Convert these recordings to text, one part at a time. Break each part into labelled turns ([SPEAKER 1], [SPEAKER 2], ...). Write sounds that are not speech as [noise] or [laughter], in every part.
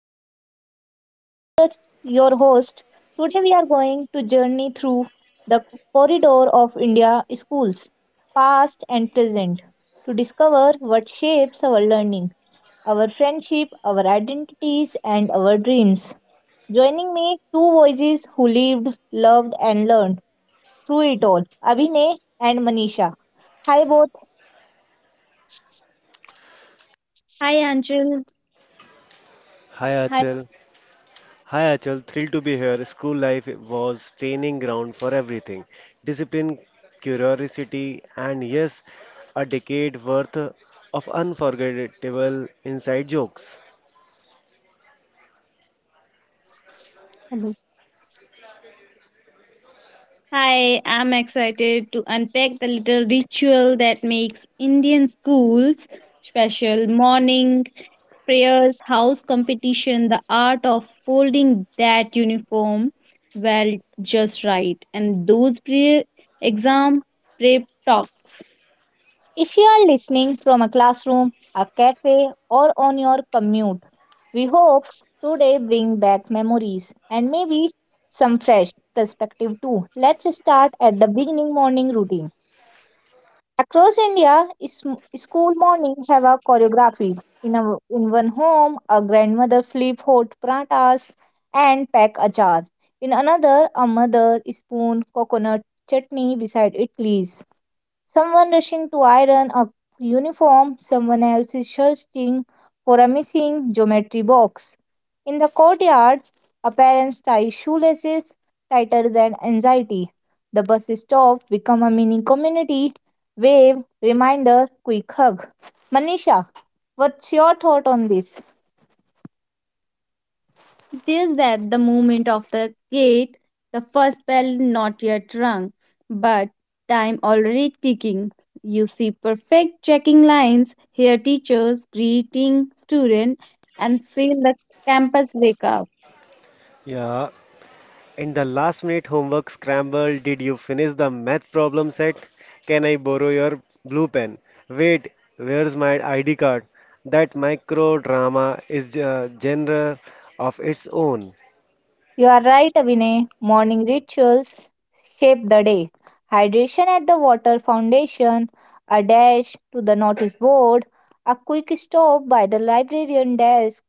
[SPEAKER 1] Change. I am Acharya, your host. Today we are going to journey through the corridor of India schools, past and present, to discover what shapes our learning, our friendship, our identities, and our dreams. Joining me, two voices who lived, loved, and learned through it all, Abhinay and Manisha. Hi both. Hi Anjul.
[SPEAKER 2] Hi
[SPEAKER 1] Hi.
[SPEAKER 2] Achal. Hi Achal, thrilled to be here. School life was training ground for everything. Discipline, curiosity, and yes, a decade worth of unforgettable inside jokes.
[SPEAKER 1] Hello. Hi, I'm excited to unpack the little ritual that makes Indian schools special morning prayers, house competition, the art of folding that uniform well just right, and those pre exam prep talks. If you are listening from a classroom, a cafe, or on your commute, we hope today bring back memories and maybe some fresh perspective too. Let's start at the beginning morning routine. Across India, school mornings have a choreography. In one home, a grandmother flip hot pratas and pack achar. In another, a mother spoon coconut chutney beside idlis. Someone rushing to iron a uniform, someone else is searching for a missing geometry box. In the courtyard, a parent ties shoelaces tighter than anxiety. The bus stop become a mini community. Wave, reminder, quick hug. Manisha, what's your thought on this? There's that the movement of the gate, the first bell not yet rung, but time already ticking. You see perfect checking lines, hear teachers greeting students, and feel the campus wake up.
[SPEAKER 2] Yeah. In the last minute homework scramble, did you finish the math problem set? Can I borrow your blue pen? Wait, where's my ID card? That micro drama is a genre of its own.
[SPEAKER 1] You are right, Abhinay. Morning rituals shape the day. Hydration at the water fountain, a dash to the notice board, a quick stop by the librarian desk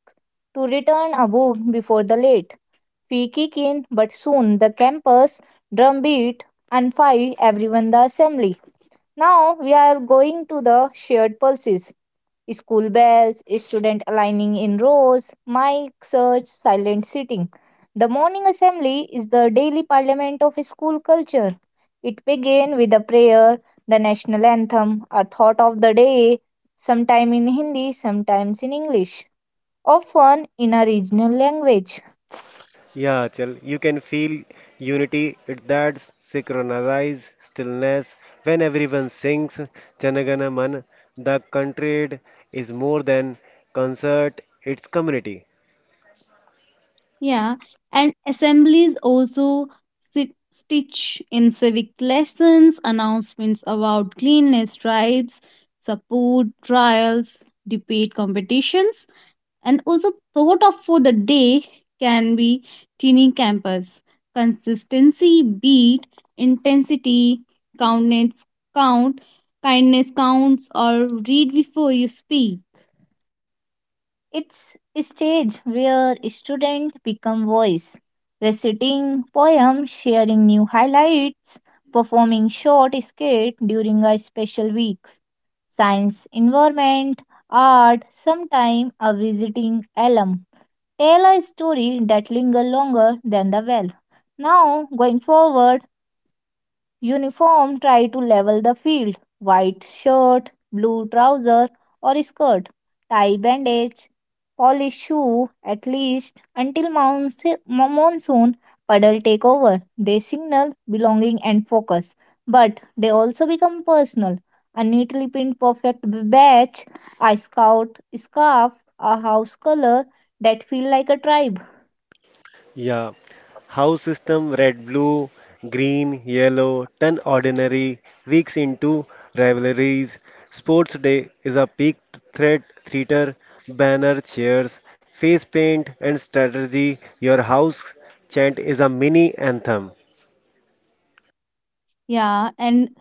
[SPEAKER 1] to return a book before the late. Feet kick in, but soon the campus drumbeat and fight everyone the assembly. Now we are going to the shared pulses. School bells, student aligning in rows, mic search, silent sitting. The morning assembly is the daily parliament of school culture. It begins with a prayer, the national anthem, a thought of the day, sometime in Hindi, sometimes in English, often in a regional language.
[SPEAKER 2] Yeah, Achal, you can feel unity. It that synchronized stillness when everyone sings Janagana Man. The country is more than concert; it's community.
[SPEAKER 1] Yeah, and assemblies also stitch in civic lessons, announcements about cleanliness drives, support trials, debate competitions, and also thought of for the day can be teeny campus. Consistency beat intensity, countness count, kindness counts, or read before you speak. It's a stage where students become voice, reciting poems, sharing new highlights, performing short skit during a special weeks, science, environment, art, sometime a visiting alum. Tell a story that linger longer than the well. Now, going forward, uniform try to level the field. White shirt, blue trouser or skirt, tie bandage, polished shoe at least until monsoon puddle take over. They signal belonging and focus, but they also become personal. A neatly pinned perfect badge, a scout scarf, a house color that feel like a tribe.
[SPEAKER 2] Yeah. House system red, blue, green, yellow turn ordinary weeks into rivalries. Sports day is a peak threat theater, banner, chairs, face paint, and strategy. Your house chant is a mini anthem.
[SPEAKER 1] Yeah, and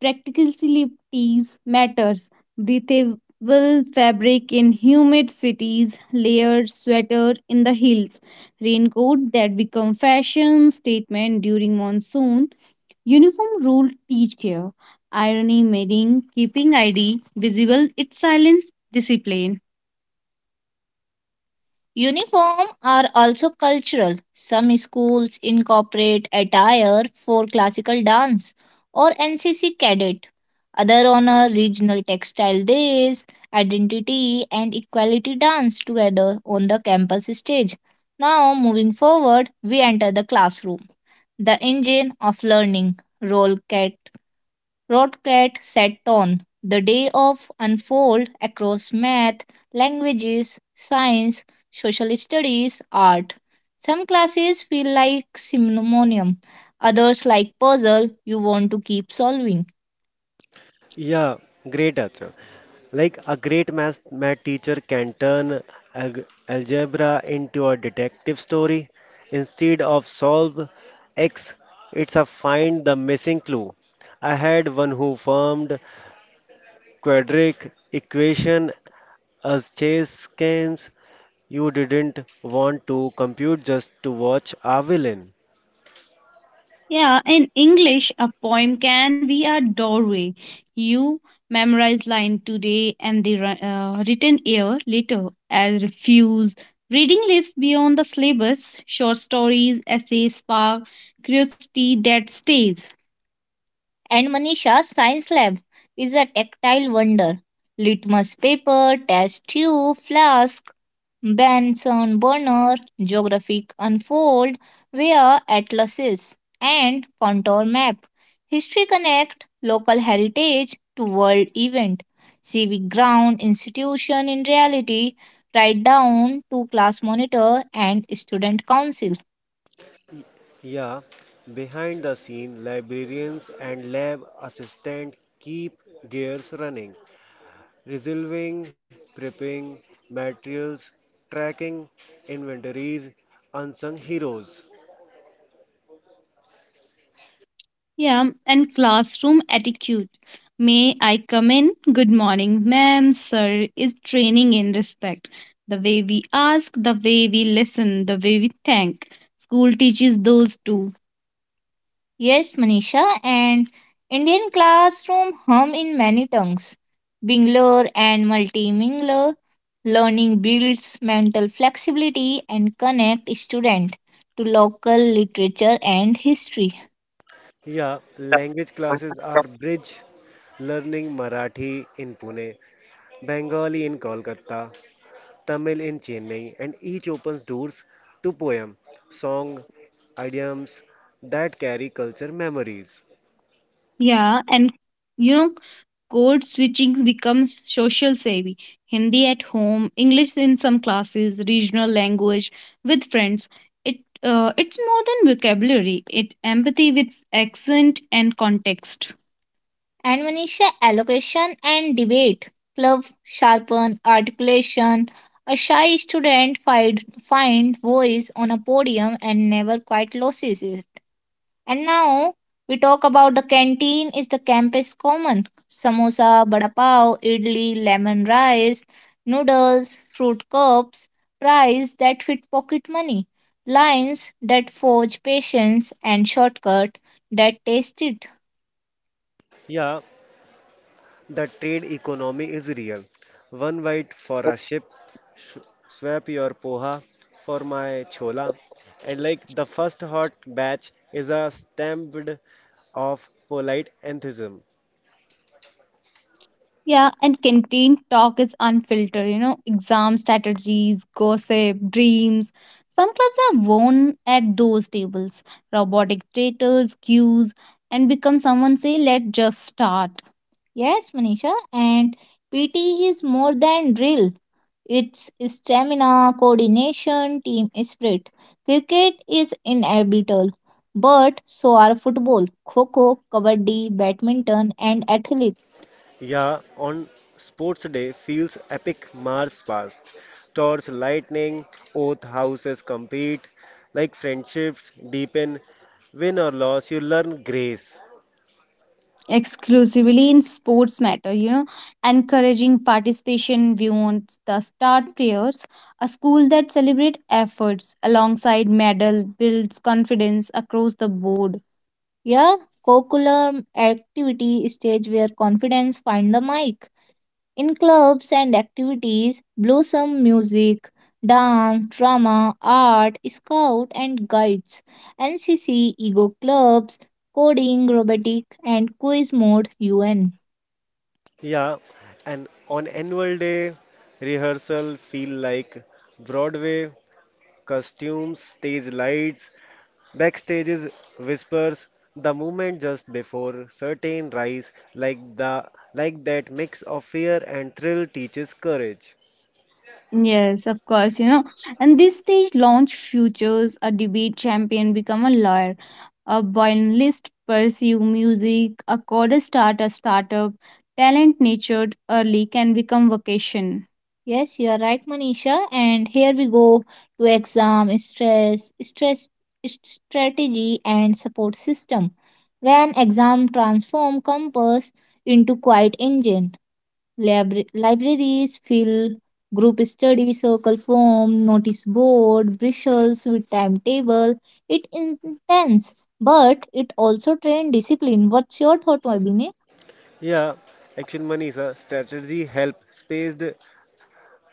[SPEAKER 1] practicalities matters. Breathable fabric in humid cities, layered sweater in the hills, raincoat that become fashion statement during monsoon, uniform rule teach care, irony making keeping ID visible, it's silent discipline. Uniform are also cultural. Some schools incorporate attire for classical dance or NCC cadet. Other honor regional textile days, identity and equality dance together on the campus stage. Now, moving forward, we enter the classroom, the engine of learning. Roll cat. Rodcat sat on. The day of unfold across math, languages, science, social studies, art. Some classes feel like simonium, others like puzzle you want to keep solving.
[SPEAKER 2] Yeah, great answer. Like a great math teacher can turn algebra into a detective story. Instead of solve X, it's a find the missing clue. I had one who formed quadratic equation as chess scans. You didn't want to compute just to watch a villain.
[SPEAKER 1] Yeah, in English, a poem can be a doorway. You memorize line today and the written year later. As refuse reading list beyond the syllabus, short stories, essays spark curiosity that stays. And Manisha's science lab is a tactile wonder. Litmus paper, test tube, flask, Benson Burner, Geographic Unfold, Via Atlases, and Contour Map. History Connect, Local Heritage to World Event. Civic Ground Institution in Reality, Write Down to Class Monitor and Student Council.
[SPEAKER 2] Yeah, behind the scene, librarians and lab assistant keep gears running, resolving, prepping materials, tracking inventories, unsung heroes.
[SPEAKER 1] Yeah, and classroom etiquette. May I come in? Good morning, ma'am, sir, is training in respect. The way we ask, the way we listen, the way we thank. School teaches those too. Yes, Manisha, and Indian classroom hum in many tongues. Bingler and multimingler, learning builds mental flexibility and connect student to local literature and history.
[SPEAKER 2] Yeah, language classes are bridge, learning Marathi in Pune, Bengali in Kolkata, Tamil in Chennai, and each opens doors to poem, song, idioms that carry culture memories.
[SPEAKER 1] Yeah, and you know, code switching becomes social savvy. Hindi at home, English in some classes, regional language with friends. It it's more than vocabulary. It empathy with accent and context. And Manisha, allocation and debate club sharpen articulation. A shy student find voice on a podium and never quite loses it. And now we talk about the canteen is the campus common. Samosa, vada pav, idli, lemon rice, noodles, fruit cups, price that fit pocket money, lines that forge patience and shortcut that taste it.
[SPEAKER 2] Yeah, the trade economy is real. One white for a ship, sh- swap your poha for my chola. And like the first hot batch is a stampede of polite enthusiasm.
[SPEAKER 1] Yeah, and contained talk is unfiltered, you know, exam strategies, gossip, dreams. Some clubs are worn at those tables, robotic traitors, cues, and become someone say, let just start. Yes, Manisha, and PT is more than drill. It's stamina, coordination, team spirit. Cricket is inevitable, but so are football, kho kho, kabaddi, badminton, and athletics.
[SPEAKER 2] Yeah, on sports day feels epic Mars past. Towards lightning, oath houses compete. Like friendships deepen, win or loss, you learn grace.
[SPEAKER 1] Exclusively in sports matter, you know, encouraging participation beyond the start players, a school that celebrates efforts alongside medal builds confidence across the board. Yeah, curriculum activity stage where confidence find the mic. In clubs and activities, blossom music, dance, drama, art, scout and guides, NCC, ego clubs, coding, robotic, and quiz mode UN.
[SPEAKER 2] Yeah, and on annual day, rehearsal feel like Broadway, costumes, stage lights, backstages, whispers, the moment just before certain rise, like that mix of fear and thrill teaches courage.
[SPEAKER 1] Yes, of course, you know. And this stage launch futures, a debate champion become a lawyer, a violinist pursue music, a coder start a startup, talent nurtured early can become vocation. Yes, you are right, Manisha. And here we go to exam stress, strategy, and support system. When exam transform compass into quiet engine. Libraries fill group study circle form notice board bristles with timetable it intense but it also train discipline. What's your thought, Abhinay?
[SPEAKER 2] Yeah, action money is a strategy help spaced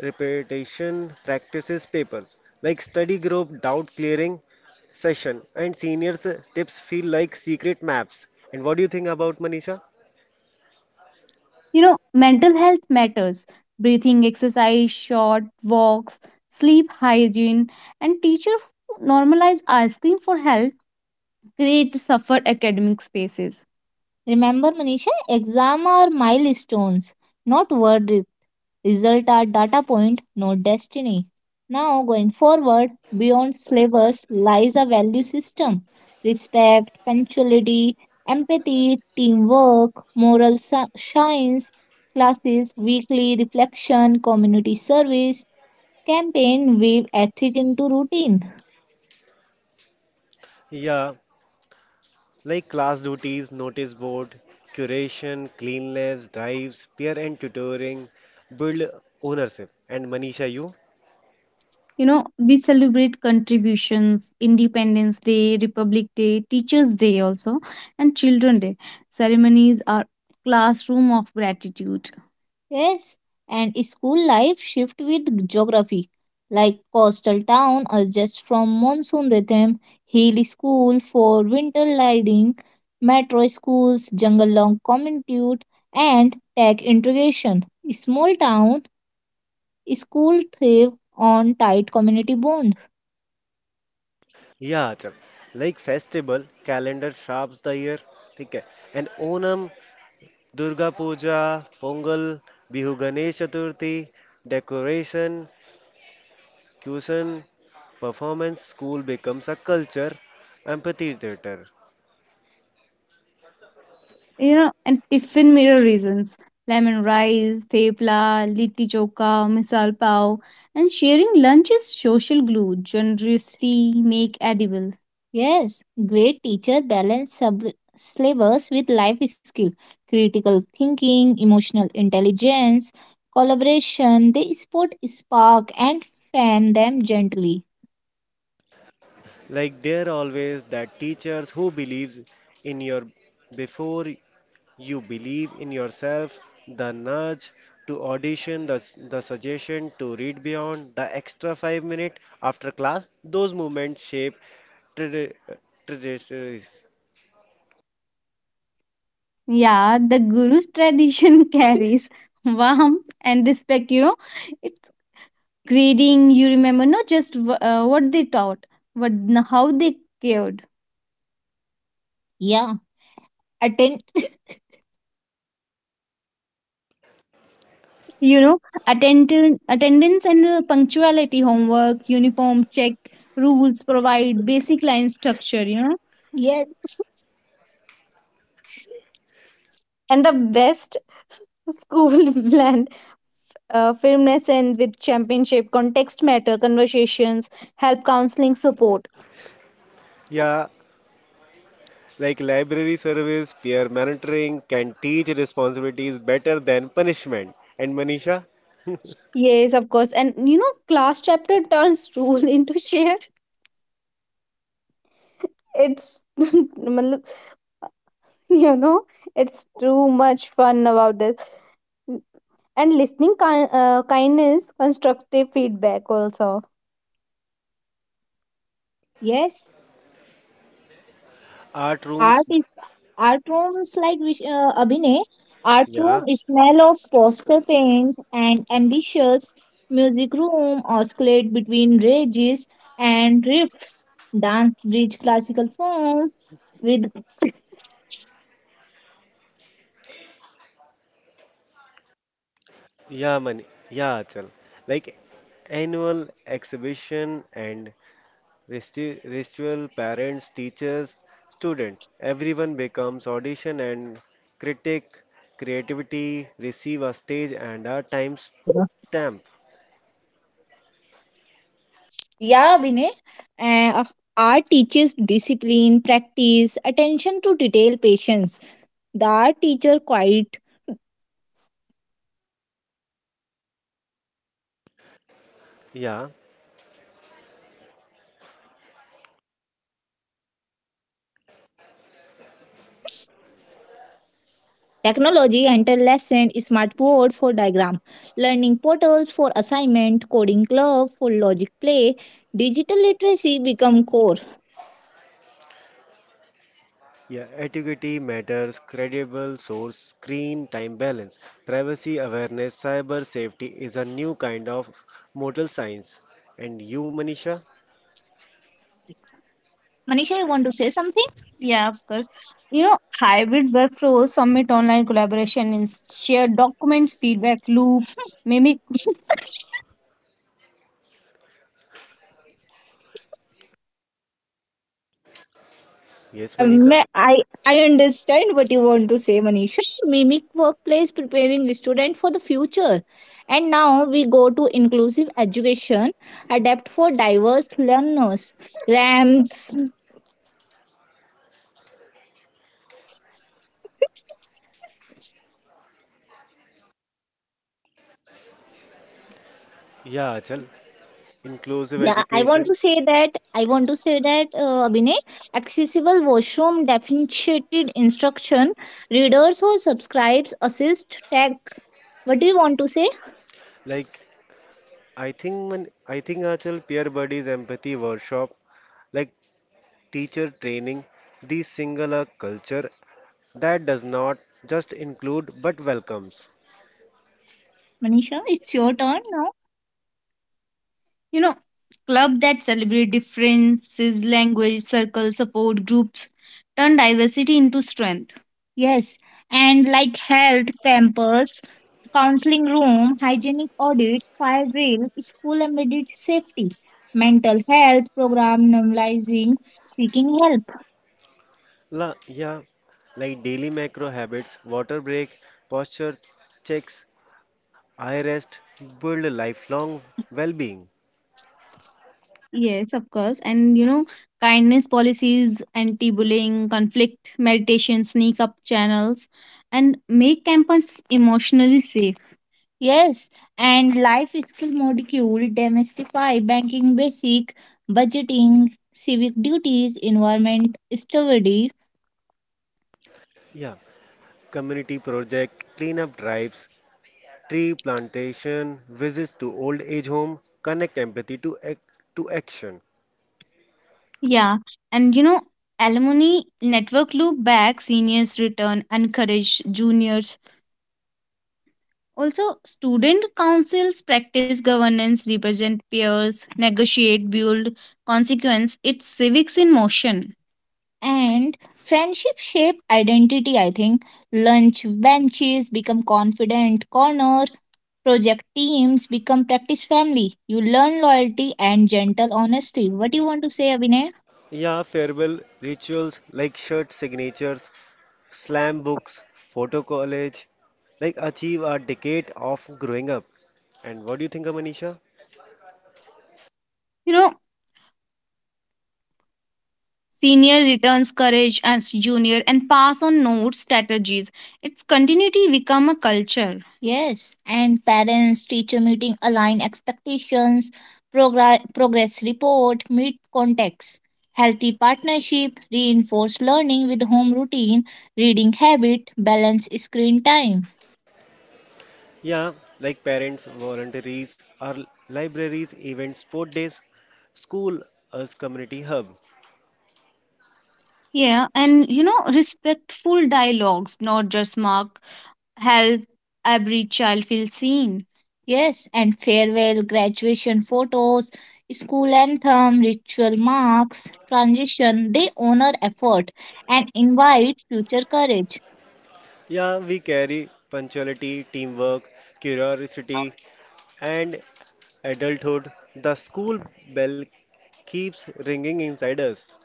[SPEAKER 2] repetition practices papers like study group doubt clearing session and seniors tips feel like secret maps and what do you think about Manisha?
[SPEAKER 1] You know, mental health matters. Breathing exercise, short walks, sleep hygiene, and teacher who normalize asking for help create suffer academic spaces. Remember, Manisha, exam are milestones, not worries. Result are data point, not destiny. Now, going forward, beyond slavers lies a value system respect, punctuality, empathy, teamwork, moral science, classes, weekly reflection, community service, campaign, weave ethic into routine.
[SPEAKER 2] Yeah, like class duties, notice board, curation, cleanliness, drives, peer and tutoring, build ownership. And Manisha, you?
[SPEAKER 1] You know, we celebrate contributions, Independence Day, Republic Day, Teachers' Day also, and Children Day. Ceremonies are classroom of gratitude. Yes, and school life shift with geography, like coastal town adjust from monsoon rhythm, hill school for winter lighting, metro schools, jungle long commute, and tech integration. Small town school thrive on tight community bond.
[SPEAKER 2] Yeah, Achal. Like festival, calendar sharps the year. ठीक है and Onam Durga Puja, Pongal, Bihu Ganesh Chaturthi, decoration, cuisine, performance, school becomes a culture, amphitheater.
[SPEAKER 1] You know, and tiffin mirror reasons lemon rice, thepla, litti chokha, misal pav, and sharing lunch is social glue, generosity make edible. Yes, great teacher balance syllabus with life skill, critical thinking, emotional intelligence, collaboration. They sport spark and fan them gently.
[SPEAKER 2] Like there always that teachers who believes in your before you believe in yourself, the nudge to audition, the suggestion to read beyond, the extra 5 minute after class, those moments shape trajectories.
[SPEAKER 1] Yeah, the guru's tradition [laughs] carries warmth and respect, you know. It grading you remember, no? Just what they taught, what, how they cared. Yeah, attend. [laughs] You know, attendance, attendance and punctuality, homework, uniform check, rules provide basic line structure, you know. Yes. [laughs] And the best school [laughs] blend firmness and with championship, context matter, conversations help, counseling support.
[SPEAKER 2] Yeah, like library service, peer mentoring can teach responsibilities better than punishment. And Manisha,
[SPEAKER 1] Yes, of course. And you know, class chapter turns [laughs] rule into share, it's [laughs] मतलब, you know, it's too much fun about this, and listening, kindness, constructive feedback also. Yes,
[SPEAKER 2] art rooms,
[SPEAKER 1] art is art rooms like Abhinay. Art
[SPEAKER 2] yeah,
[SPEAKER 1] room is smell of poster paint and ambitious, music room oscillate between rages and riff, dance bridge classical form with
[SPEAKER 2] yeah, Mani, yeah, Achal. Like annual exhibition and ritual, parents, teachers, students, everyone becomes audition and critic, creativity, receive a stage and a time
[SPEAKER 1] [laughs]
[SPEAKER 2] stamp.
[SPEAKER 1] Yeah, Vinay. Uh, art teaches discipline, practice, attention to detail, patience. The art teacher quite
[SPEAKER 2] Yeah.
[SPEAKER 1] technology enter lesson, smartboard for diagram, learning portals for assignment, coding club for logic play, digital literacy become core.
[SPEAKER 2] Yeah, etiquette matters, credible source, screen time balance, privacy awareness, cyber safety is a new kind of moral science. And you, Manisha?
[SPEAKER 1] Manisha, you want to say something? Yeah, of course. You know, hybrid workflows, submit online collaboration in shared documents, feedback loops, mimic.
[SPEAKER 2] Yes,
[SPEAKER 1] Um,
[SPEAKER 2] Manisha?
[SPEAKER 1] I I understand what you want to say, Manisha. [laughs] Mimic workplace preparing student for the future. And now we go to inclusive education, adapt for diverse learners. RAMs.
[SPEAKER 2] Yeah, Achal. Inclusive
[SPEAKER 1] Yeah, I want
[SPEAKER 2] education.
[SPEAKER 1] to say that Abhinay, accessible washroom, differentiated instruction, readers who subscribes assist tech. What do you want to say,
[SPEAKER 2] Like, I think, man, I think Achal, peer buddies, empathy workshop, like teacher training, these single a culture that does not just include but welcomes.
[SPEAKER 1] Manisha? It's your turn now. You know, club that celebrate differences, language, circle, support groups, turn diversity into strength. Yes, and like health campus, counseling room, hygienic audit, fire drill, school embedded safety, mental health program, normalizing seeking help.
[SPEAKER 2] La, yeah, like daily macro habits, water break, posture checks, eye rest, build a lifelong well-being.
[SPEAKER 1] Yes, of course. And you know, kindness policies, anti bullying, conflict meditation, sneak up channels, and make campus emotionally safe. Yes, and life skill module demystify banking basic, budgeting, civic duties, environment stewardship.
[SPEAKER 2] Yeah, community project, cleanup drives, tree plantation, visits to old age home, connect empathy to action.
[SPEAKER 1] Yeah, and you know, alumni network loop back, seniors return, encourage juniors. Also, student councils practice governance, represent peers, negotiate, build consequence. It's civics in motion. And friendship shape identity, I think. Lunch benches become confident corner, project teams become practice family. You learn loyalty and gentle honesty. What do you want to say, Abhinay?
[SPEAKER 2] Yeah, farewell rituals like shirt signatures, slam books, photo college, like achieve a decade of growing up. And what do you think, Amanisha?
[SPEAKER 1] You know Senior returns courage as junior and pass on notes, strategies. Its continuity become a culture. Yes, and parents teacher meeting align expectations, progress report, meet context, healthy partnership, reinforce learning with home routine, reading habit, balance screen time.
[SPEAKER 2] Yeah, like parents, voluntaries, our libraries, events, sport days, school as community hub.
[SPEAKER 1] Yeah, and respectful dialogues, not just marks. Help every child feel seen. Yes, and farewell, graduation photos, school anthem, ritual marks, transition, they honor effort and invite future courage.
[SPEAKER 2] Yeah, we carry punctuality, teamwork, curiosity, and adulthood. The school bell keeps ringing inside us.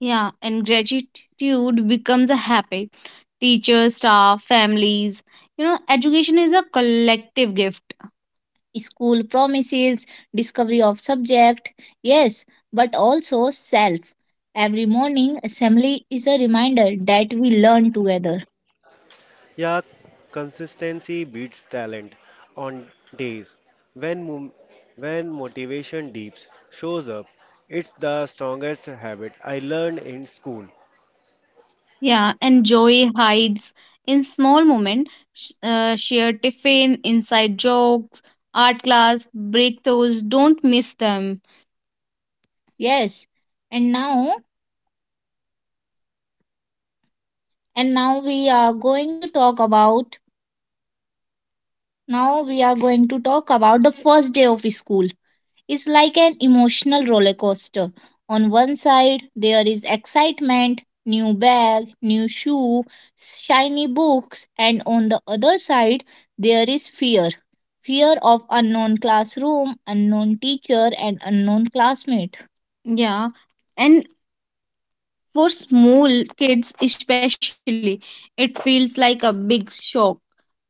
[SPEAKER 1] Yeah, and gratitude becomes a habit. Teachers, staff, families. Education is a collective gift. School promises discovery of subject, yes, but also self. Every morning assembly is a reminder that we learn together.
[SPEAKER 2] Yeah, consistency beats talent on days when mo- when motivation deeps shows up. It's the strongest habit I learned in school.
[SPEAKER 1] Yeah, and joy hides in small moment, shared tiffin, inside jokes, art class, breakthroughs. Don't miss them. Yes, and now and now we are going to talk about now we are going to talk about the first day of school is like an emotional roller coaster. On one side, there is excitement, new bag, new shoe, shiny books, and on the other side, there is fear. Fear of unknown classroom, unknown teacher, and unknown classmate. Yeah, and for small kids especially, it feels like a big shock.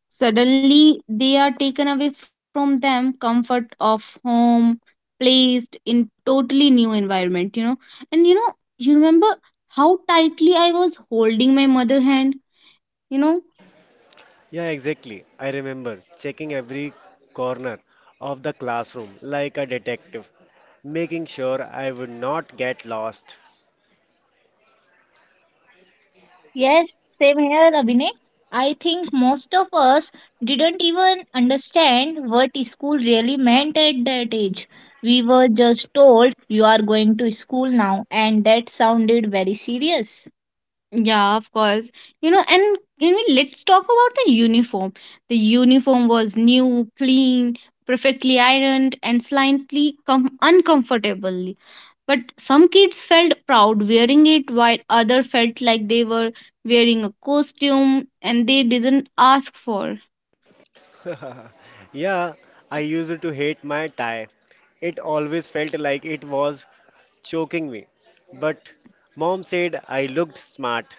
[SPEAKER 1] Suddenly, they are taken away from them, comfort of home, placed in totally new environment. And you remember how tightly I was holding my mother hand, you know?
[SPEAKER 2] Yeah, exactly. I remember checking every corner of the classroom like a detective, making sure I would not get lost.
[SPEAKER 1] Yes, same here, Abhinay. I think most of us didn't even understand what school really meant at that age. We were just told you are going to school now, and that sounded very serious. Yeah, of course. And let's talk about the uniform. The uniform was new, clean, perfectly ironed, and slightly uncomfortably. But some kids felt proud wearing it, while others felt like they were wearing a costume and they didn't ask for.
[SPEAKER 2] [laughs] Yeah, I used to hate my tie. It always felt like it was choking me. But mom said I looked smart.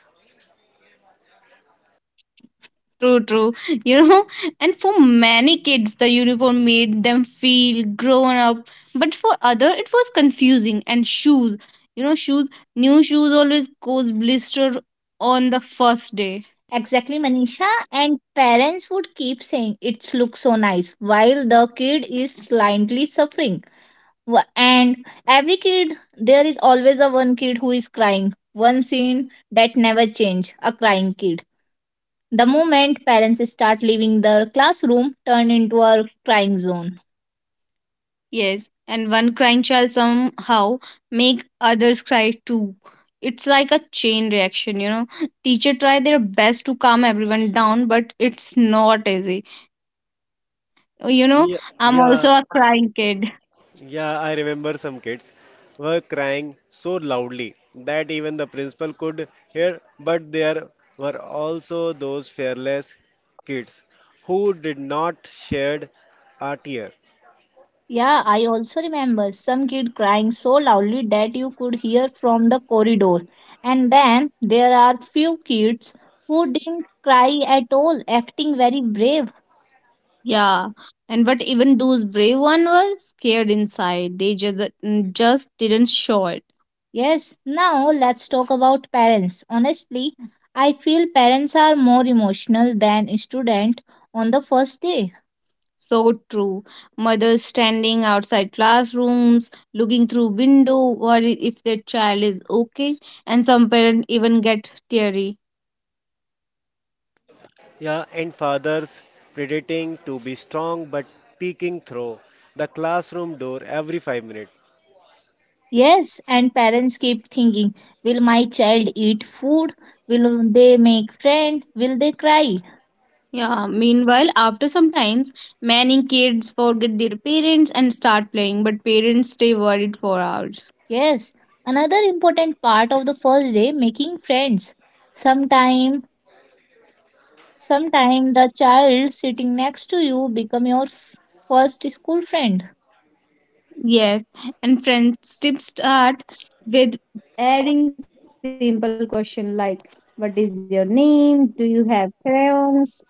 [SPEAKER 1] True, true. You know, and for many kids, the uniform made them feel grown up. But for other, it was confusing. And shoes, shoes, new shoes always cause blister on the first day. Exactly, Manisha. And parents would keep saying it looks so nice while the kid is slightly suffering. And every kid, there is always a one kid who is crying. One scene that never change, a crying kid. The moment parents start leaving the classroom, turn into a crying zone. Yes, and one crying child somehow make others cry too. It's like a chain reaction. Teacher try their best to calm everyone down, but it's not easy. You know,
[SPEAKER 2] Yeah,
[SPEAKER 1] I'm also
[SPEAKER 2] yeah.
[SPEAKER 1] a crying kid.
[SPEAKER 2] Yeah, I remember some kids were crying so loudly that even the principal could hear, but there were also those fearless kids who did not shed a tear.
[SPEAKER 1] Yeah, I also remember some kid crying so loudly that you could hear from the corridor. And then there are few kids who didn't cry at all, acting very brave. Yeah, and but even those brave ones were scared inside. They just didn't show it. Yes, now let's talk about parents. Honestly, I feel parents are more emotional than student on the first day. So true. Mothers standing outside classrooms, looking through window, worried if their child is okay, and some parents even get teary.
[SPEAKER 2] Yeah, and fathers pretending to be strong but peeking through the classroom door every 5 minutes.
[SPEAKER 1] Yes, and parents keep thinking, will my child eat food? Will they make friend? Will they cry? Yeah, meanwhile, after some times, many kids forget their parents and start playing, but parents stay worried for hours. Yes, another important part of the first day making friends. Sometime Sometime the child sitting next to you become your first school friend. Yes, and friendships start with very simple question like, "What is your name? Do you have crayons?"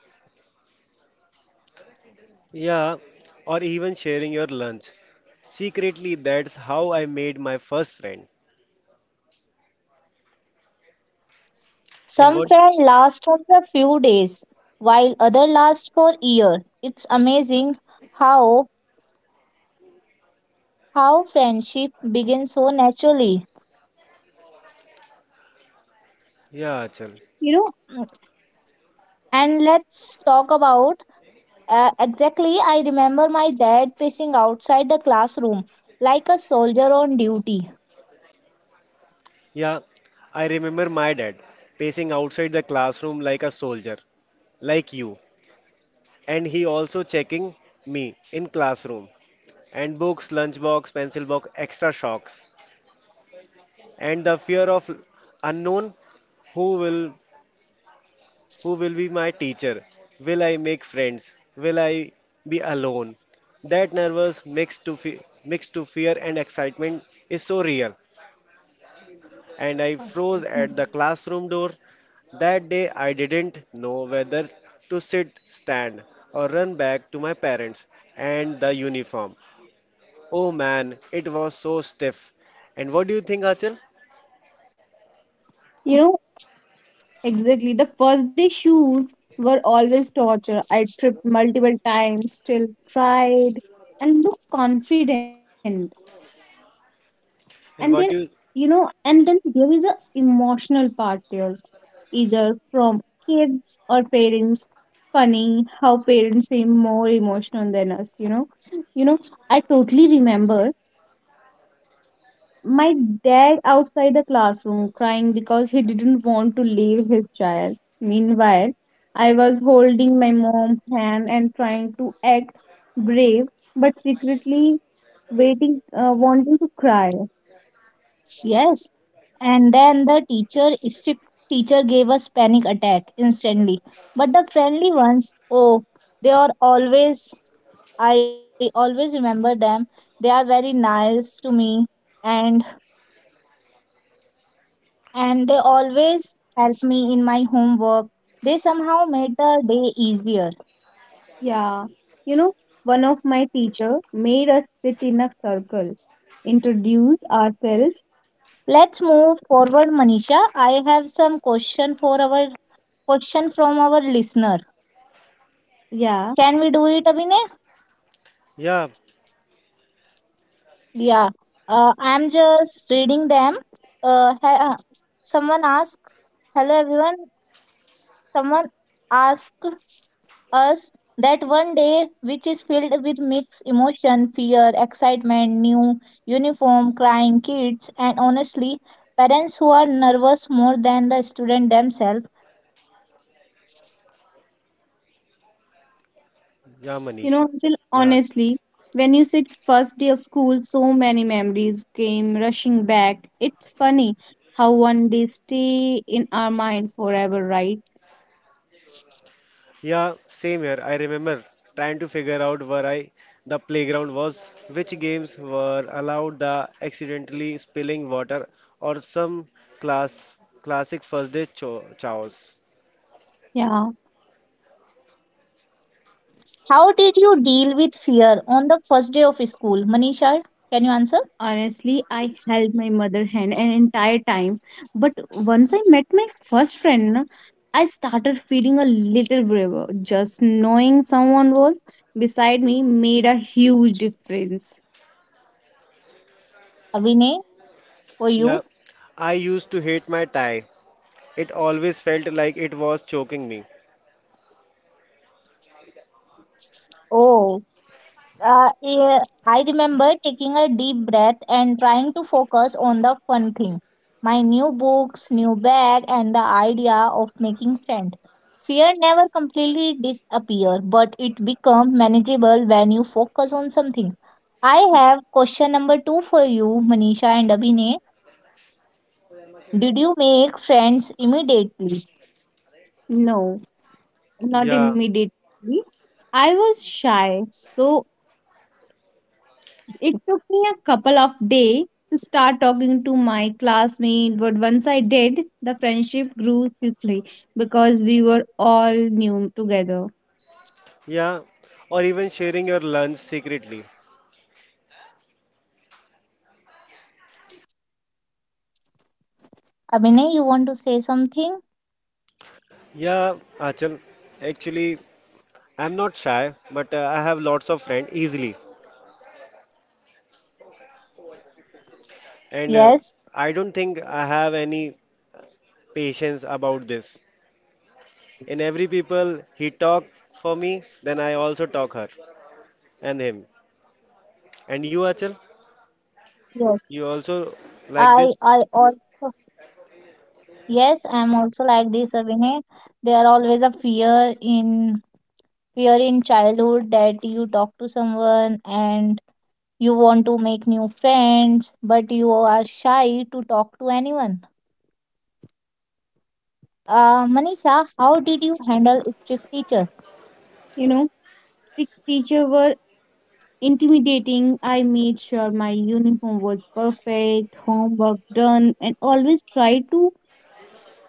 [SPEAKER 2] Yeah, or even sharing your lunch. Secretly, that's how I made my first friend. And
[SPEAKER 1] Some
[SPEAKER 2] what?
[SPEAKER 1] friends last for a few days, while other last for year. It's amazing how how friendship begins so naturally.
[SPEAKER 2] Yeah, chal.
[SPEAKER 1] You know, and let's talk about exactly, I remember my dad pacing outside the classroom like a soldier on duty.
[SPEAKER 2] Yeah, I remember my dad pacing outside the classroom like a soldier, like you. And he also checking me in classroom and books, lunchbox, pencil box, extra shocks. And the fear of unknown, who will who will be my teacher? Will I make friends? Will I be alone? That nervous mixed to fear and excitement is so real. And I froze
[SPEAKER 1] Oh,
[SPEAKER 2] at the
[SPEAKER 1] that's nice.
[SPEAKER 2] classroom door. That day I didn't know whether to sit, stand, or run back to my parents and the uniform. Oh man, it was so stiff. And what do you think, Achal?
[SPEAKER 1] You know, Exactly. The first day shoes were always torture. I tripped multiple times, still tried, and looked confident. And there,
[SPEAKER 2] And what do you?
[SPEAKER 1] and then there is a emotional part there, either from kids or parents. Funny how parents seem more emotional than us. You know. I totally remember my dad outside the classroom crying because he didn't want to leave his child. Meanwhile, I was holding my mom's hand and trying to act brave, but secretly wanting to cry. Yes, and then the teacher strict teacher gave us panic attack instantly. But the friendly ones, oh, they are always I always remember them. They are very nice to me and and they always help me in my homework. They somehow made the day easier. Yeah, you know, one of my teacher made us sit in a circle, introduce ourselves. Let's move forward, Manisha. I have some question for our question from our listener. Yeah, can we do it, Abhinay?
[SPEAKER 2] Yeah,
[SPEAKER 1] Yeah. I'm just reading them. Uh, ha- uh, Someone asked, "Hello, everyone." Someone asked us that one day which is filled with mixed emotion, fear, excitement, new uniform, crying kids, and honestly, parents who are nervous more than the student themselves.
[SPEAKER 2] yeah, Manisha.
[SPEAKER 1] Anshul,
[SPEAKER 2] Yeah, Achal.
[SPEAKER 1] honestly, when you said first day of school, so many memories came rushing back. It's funny how one day stay in our mind forever, right?
[SPEAKER 2] Yeah, same here. I remember trying to figure out where I the playground was, which games were allowed, the accidentally spilling water, or some class classic first day chaos.
[SPEAKER 1] Yeah. How did you deal with fear on the first day of school? Manisha, can you answer? Honestly, I held my mother hand an entire time. But once I met my first friend, na, I started feeling a little braver. Just knowing someone was beside me made a huge difference. Abhinay, for
[SPEAKER 2] Yeah,
[SPEAKER 1] you?
[SPEAKER 2] I used to hate my tie. It always felt like it was choking me.
[SPEAKER 1] Oh. Yeah, I remember taking a deep breath and trying to focus on the fun thing my new books, new bag, and the idea of making friends. Fear never completely disappears, but it becomes manageable when you focus on something. I have question number two for you, Manisha and Abhinay. Did you make friends immediately? No, not
[SPEAKER 2] Yeah,
[SPEAKER 1] immediately. I was shy, so it took me a couple of days to start talking to my classmate, but once I did, the friendship grew quickly because we were all new together.
[SPEAKER 2] yeah. Or even sharing your lunch secretly.
[SPEAKER 1] Abhinay, you want to say something?
[SPEAKER 2] Yeah, Achal. Actually, I'm not shy, but I have lots of friends easily.
[SPEAKER 1] Yes,
[SPEAKER 2] And I don't think I have any patience about this. In every people, he talk for me, then I also talk her and him. And you, Achal,
[SPEAKER 1] yes.
[SPEAKER 2] you also like
[SPEAKER 1] I
[SPEAKER 2] this?
[SPEAKER 1] I also, yes, I'm also like this, Abhinay. There are always a fear in childhood that you talk to someone and you want to make new friends, but you are shy to talk to anyone. Manisha, how did you handle strict teacher? You know, Strict teacher were intimidating. I made sure my uniform was perfect, homework done, and always try to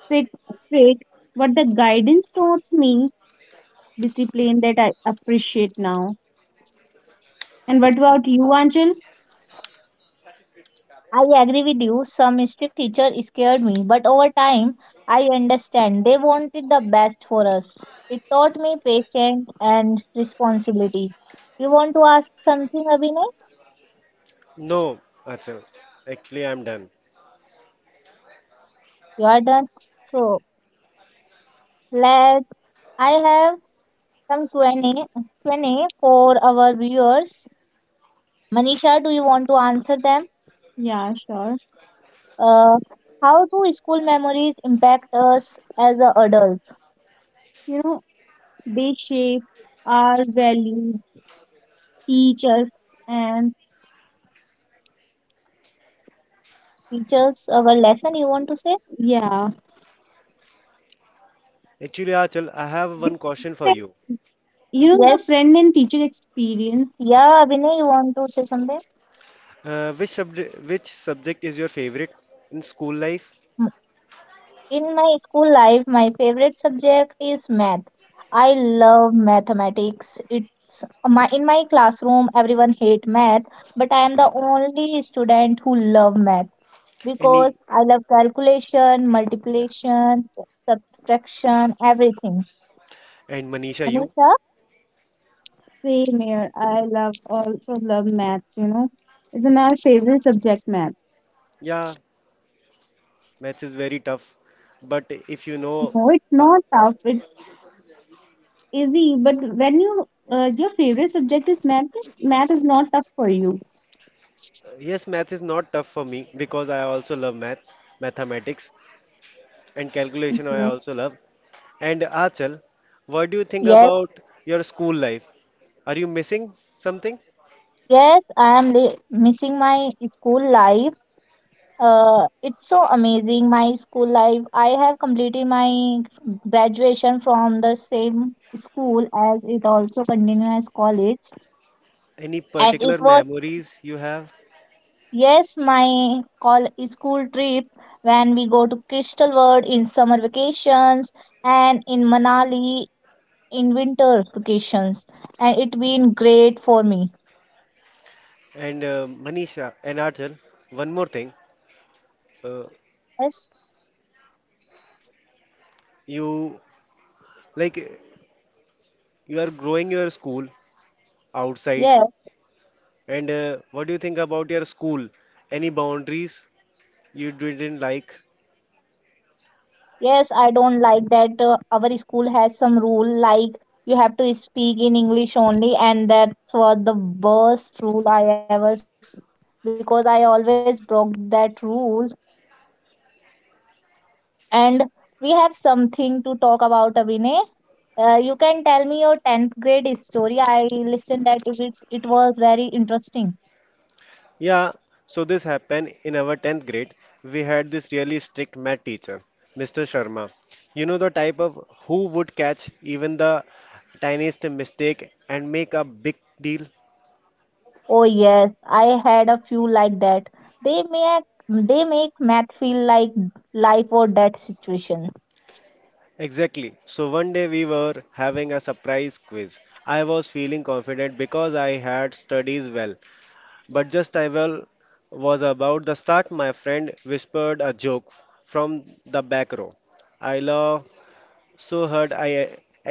[SPEAKER 1] sit straight. But the guidance taught me discipline that I appreciate now. And what about you, Angel? I agree with you. Some strict teacher scared me, but over time, I understand they wanted the best for us. It taught me patience and responsibility. You want to ask something, Abhinay?
[SPEAKER 2] No, Achal. Actually, I'm done.
[SPEAKER 1] You are done. So let I have some Q&A, and a Q&A for our viewers. Manisha, do you want to answer them? Yeah, sure. Uh, how do school memories impact us as a adult? You know, they shape our values, teach us and our lesson. You want to say? Yeah.
[SPEAKER 2] Actually, Achal, I have one question for
[SPEAKER 1] Different.
[SPEAKER 2] you.
[SPEAKER 1] The yes friend and teacher experience. Yeah, Vinay, you want to say something?
[SPEAKER 2] Which subject is your favorite in school life?
[SPEAKER 1] Mm. In my school life, my favorite subject is math. I love mathematics. It's my In my classroom, everyone hate math, but I am the only student who love math because
[SPEAKER 2] Any?
[SPEAKER 1] I love calculation,
[SPEAKER 2] Yeah.
[SPEAKER 1] multiplication, subtraction, everything,
[SPEAKER 2] And Manisha, you?
[SPEAKER 1] Anusha. Same here. I love also love maths. It's my favorite subject, Maths.
[SPEAKER 2] Yeah, math is very tough. But if you know,
[SPEAKER 1] No, it's
[SPEAKER 2] uh,
[SPEAKER 1] not tough. It's easy. But when your favorite subject is math, math is not tough for you.
[SPEAKER 2] yes, math is not tough for me because I also love maths, mathematics, and calculation I
[SPEAKER 1] Okay.
[SPEAKER 2] also love. And Achal, what do you think
[SPEAKER 1] Yes,
[SPEAKER 2] about your school life? Are you missing something?
[SPEAKER 1] yes, I am li missing my school life. It's so amazing, my school life. I have completed my graduation from the same school as it also continues college,
[SPEAKER 2] Any
[SPEAKER 1] and it
[SPEAKER 2] particular
[SPEAKER 1] was
[SPEAKER 2] memories you have?
[SPEAKER 1] Yes, my col school trip when we go to Crystal World in summer vacations and in Manali in winter vacations, and it been great for me.
[SPEAKER 2] And Manisha and Achal, one more thing. Uh,
[SPEAKER 1] Yes,
[SPEAKER 2] you like you are growing your school outside
[SPEAKER 1] yes,
[SPEAKER 2] and what do you think about your school any boundaries you didn't like?
[SPEAKER 1] yes. I don't like that our school has some rule like you have to speak in English only, and that was the worst rule I ever because I always broke that rule. And we have something to talk about, Abhinay. You can tell me your 10th grade story. I listened that it was very interesting.
[SPEAKER 2] Yeah, so this happened in our 10th grade. We had this really strict math teacher, Mr. Sharma, you know the type of who would catch even the tiniest mistake and make a big deal.
[SPEAKER 1] Oh yes, I had a few like that. They make they make math feel like life or death situation.
[SPEAKER 2] Exactly, so one day we were having a surprise quiz. I was feeling confident because I had studies well. But just I will was about the start, my friend whispered a joke from the back row. I laugh so hard I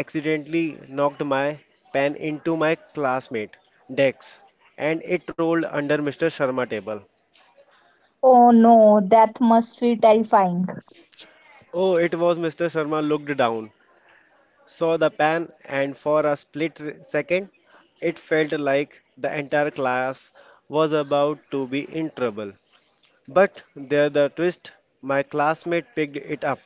[SPEAKER 2] accidentally knocked my pen into my classmate, Dex, and it rolled under Mr. Sharma's table.
[SPEAKER 1] Oh no, that must be terrifying.
[SPEAKER 2] Oh, it was Mr. Sharma looked down, saw the pen, and for a split second, it felt like the entire class was about to be in trouble. But there the twist, my classmate picked it up,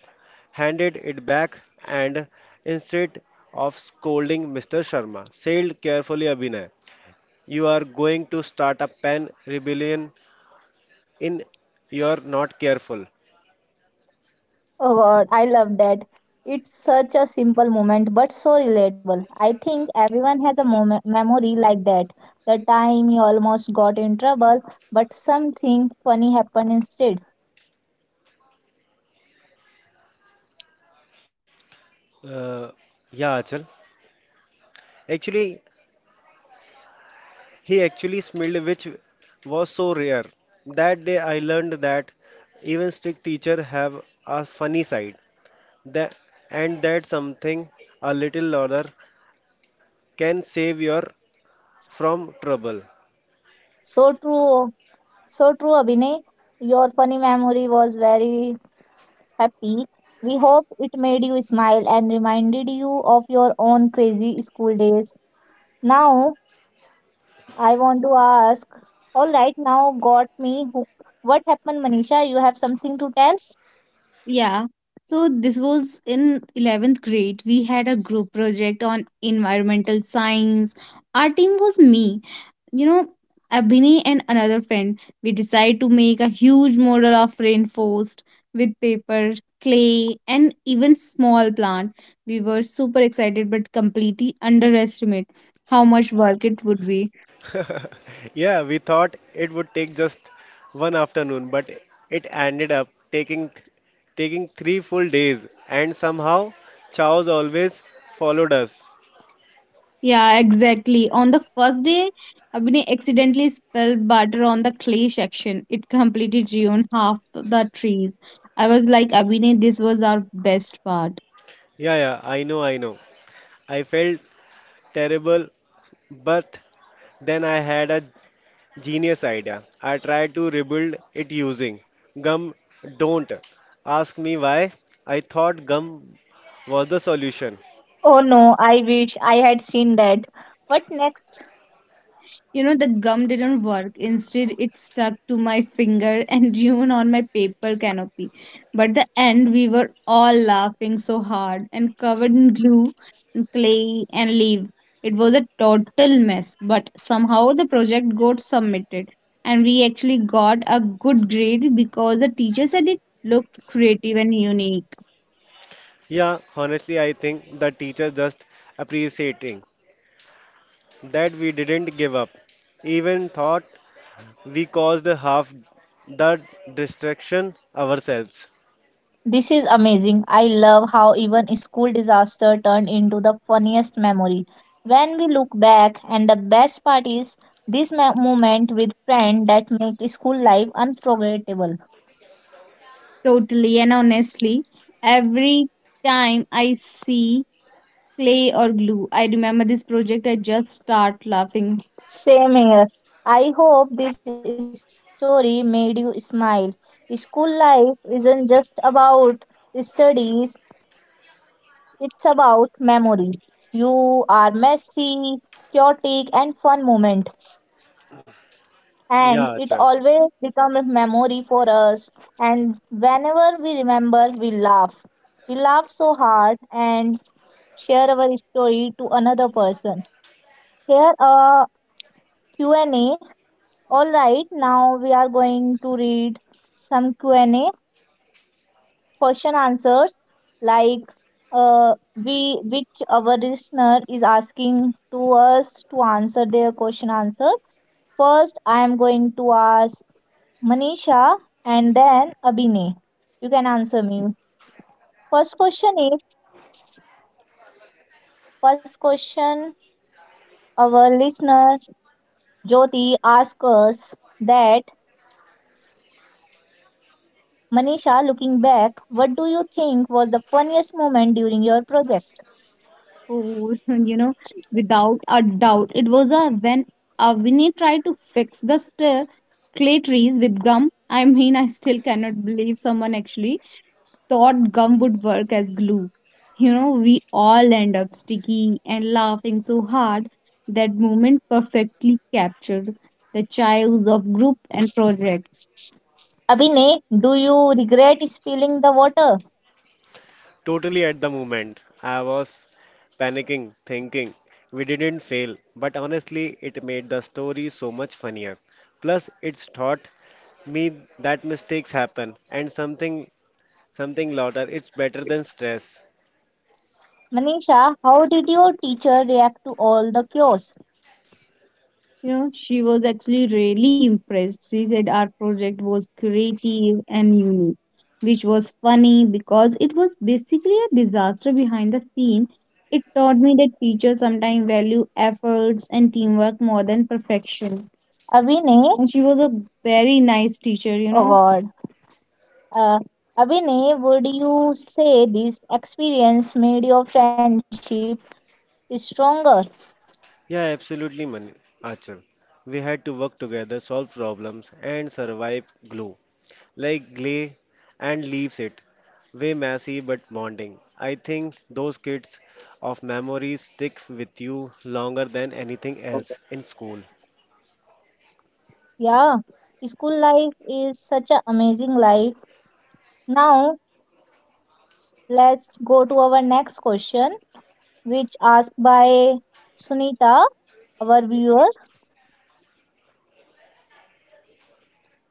[SPEAKER 2] handed it back, and instead of scolding Mr. Sharma, said carefully Abhinay, you are going to start a pen rebellion in you're not careful.
[SPEAKER 1] Oh God, I love that. It's such a simple moment but so relatable. I think everyone has a moment, memory like that. The time you almost got in trouble, but something funny happened instead.
[SPEAKER 2] Uh, yeah, Achal. Actually, he actually smelled which was so rare. That day I learned that even strict teacher have a funny side. That, and that something a little louder can save you from trouble.
[SPEAKER 1] So true, so true, Abhinay. Your funny memory was very happy. We hope it made you smile and reminded you of your own crazy school days. Now, I want to ask. All right, now got me hooked. What happened, Manisha? You have something to tell? Yeah. So this was in 11th grade. We had a group project on environmental science. Our team was me, you know Abhinay, and another friend. We decide to make a huge model of rainforest with paper clay and even small plant. We were super excited but completely underestimate how much work it would be.
[SPEAKER 2] [laughs] Yeah, we thought it would take just one afternoon, but it ended up taking three full days, and somehow chows always followed us.
[SPEAKER 1] Yeah, exactly. On the first day, Abhinay accidentally spilled butter on the clay section. It completely ruined half the trees. I was like, Abhinay, this was our best part!
[SPEAKER 2] Yeah, yeah, I know, I know. I felt terrible, but then I had a genius idea. I tried to rebuild it using gum. Don't ask me why. I thought gum was the solution.
[SPEAKER 1] Oh no, I wish I had seen that. What next? The gum didn't work. Instead, it stuck to my finger and [laughs] ruined on my paper canopy. But the end, we were all laughing so hard and covered in glue and clay and leaves. It was a total mess, but somehow the project got submitted and we actually got a good grade because the teacher said it looked creative and unique.
[SPEAKER 2] Yeah, honestly, I think the teacher just appreciating that we didn't give up. Even thought we caused half the distraction ourselves.
[SPEAKER 1] This is amazing. I love how even a school disaster turned into the funniest memory. When we look back, and the best part is this moment with friend that make school life unforgettable. Totally, and honestly, every time I see clay or glue, I remember this project, I just start laughing. Same here. I hope this story made you smile. School life isn't just about studies, it's about memory. You are messy, chaotic, and fun moment,
[SPEAKER 2] Yeah,
[SPEAKER 1] and it
[SPEAKER 2] chal.
[SPEAKER 1] always becomes a memory for us. And whenever we remember, we laugh. We laugh so hard and share our story to another person. Here a Q&A. All right, now we are going to read some Q&A question answers like we which our listener is asking to us to answer their question answer. First I am going to ask manisha and then abhinay you can answer me first question is first question, our listener Jyoti asks us that, Manisha, looking back, what do you think was the funniest moment during your project? Oh, [laughs] you know, without a doubt, it was a when Avini tried to fix the clay trees with gum. I mean, I still cannot believe someone actually thought gum would work as glue. You know, we all end up sticky and laughing so hard. That moment perfectly captured the chaos of group and projects. Abhinay, do you regret spilling the water?
[SPEAKER 2] Totally at the moment. I was panicking, thinking we didn't fail. But honestly, it made the story so much funnier. Plus, it's taught me that mistakes happen and something louder. It's better than stress.
[SPEAKER 1] Manisha, how did your teacher react to all the chaos? You know, she was actually really impressed. She said our project was creative and unique, which was funny because it was basically a disaster behind the scene. It taught me that teachers sometimes value efforts and teamwork more than perfection. Abhinay, and she was a very nice teacher, you oh know. God. Uh, Abhinay, would you say this experience made your friendship stronger?
[SPEAKER 2] Yeah, absolutely, Achal. We had to work together, solve problems, and survive glue. Like clay and leaves it. Way messy but bonding. I think those kids of memories stick with you longer than anything else in school.
[SPEAKER 1] Yeah, school life is such an amazing life. Now, let's go to our next question, which asked by Sunita, our viewer.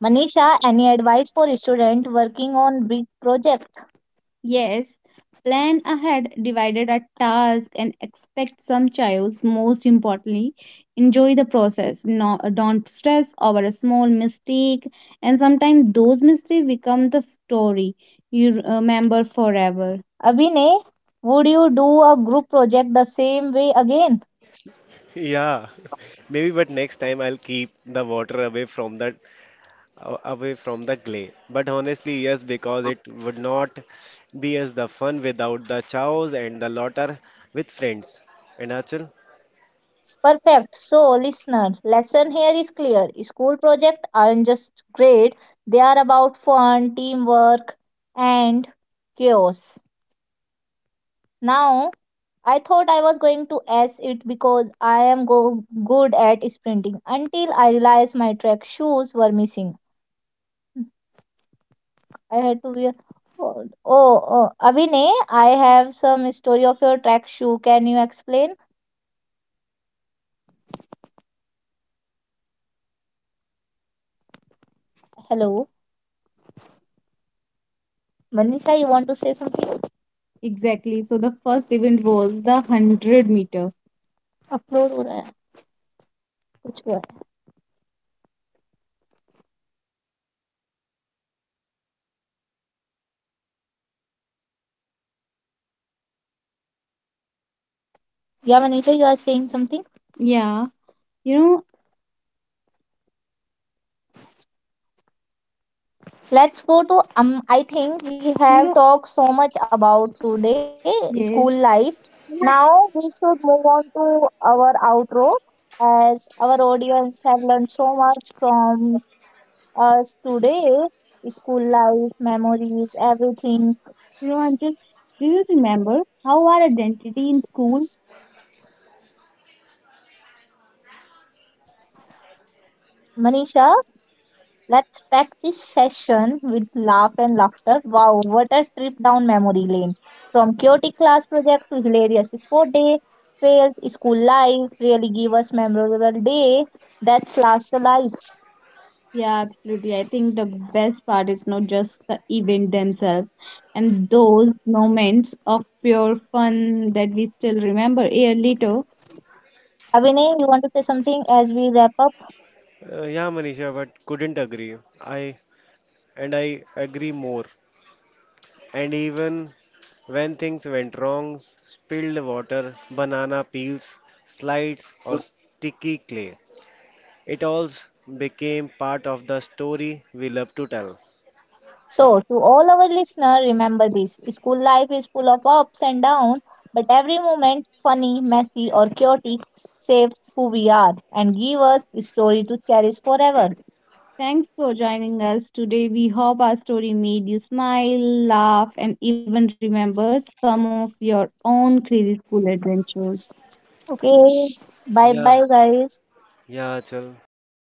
[SPEAKER 1] Manisha, any advice for student working on big projects? Yes, plan ahead, divided a task, and expect some chaos. Most importantly, enjoy the process. No, don't stress over a small mistake, and sometimes those mistakes become the story you remember forever. Abhinay, would you do a group project the same way again?
[SPEAKER 2] Yeah, [laughs] maybe, but next time I'll keep the water away from the clay. But honestly, yes, because it would not be as the fun without the chows and the laughter with friends. And Achal?
[SPEAKER 1] Perfect. So, listener, lesson here is clear. School projects aren't just grade, they are about fun, teamwork, and chaos. Now, I thought I was going to ace it because I am good at sprinting until I realized my track shoes were missing. I had to wear. Oh, oh, Abhinay, I have some story of your track shoe. Can you explain? Hello, Manisha, you want to say something? Exactly. So the first event was the 100 meter. Upload हो रहा है कुछ हुआ है या Manisha you are saying something. Yeah. You know, Let's go to I think we have talked so much about today school, yes, life. Yeah. Now we should move on to our outro as our audience have learned so much from us today. School life, memories, everything. You know, Anshul, do you remember how our identity in school? Manisha, let's pack this session with laugh and laughter. Wow, what a trip down memory lane. From chaotic class project to hilarious sport day fails, school life really give us memorable day. That's last life. Yeah, absolutely. I think the best part is not just the event themselves and those moments of pure fun that we still remember a year later. Abhinay, you want to say something as we wrap up?
[SPEAKER 2] Yeah, Manisha, but couldn't agree. I I agree more. And even when things went wrong, spilled water, banana peels, slides, or sticky clay, it all became part of the story we love to tell.
[SPEAKER 1] So, to all our listeners, remember this, school life is full of ups and downs, but every moment, funny, messy, or chaotic, shapes who we are and give us a story to cherish forever. Thanks for joining us today. We hope our story made you smile, laugh, and even remember some of your own crazy school adventures. Okay, bye
[SPEAKER 2] Yeah,
[SPEAKER 1] bye, guys.
[SPEAKER 2] yeah, Achal.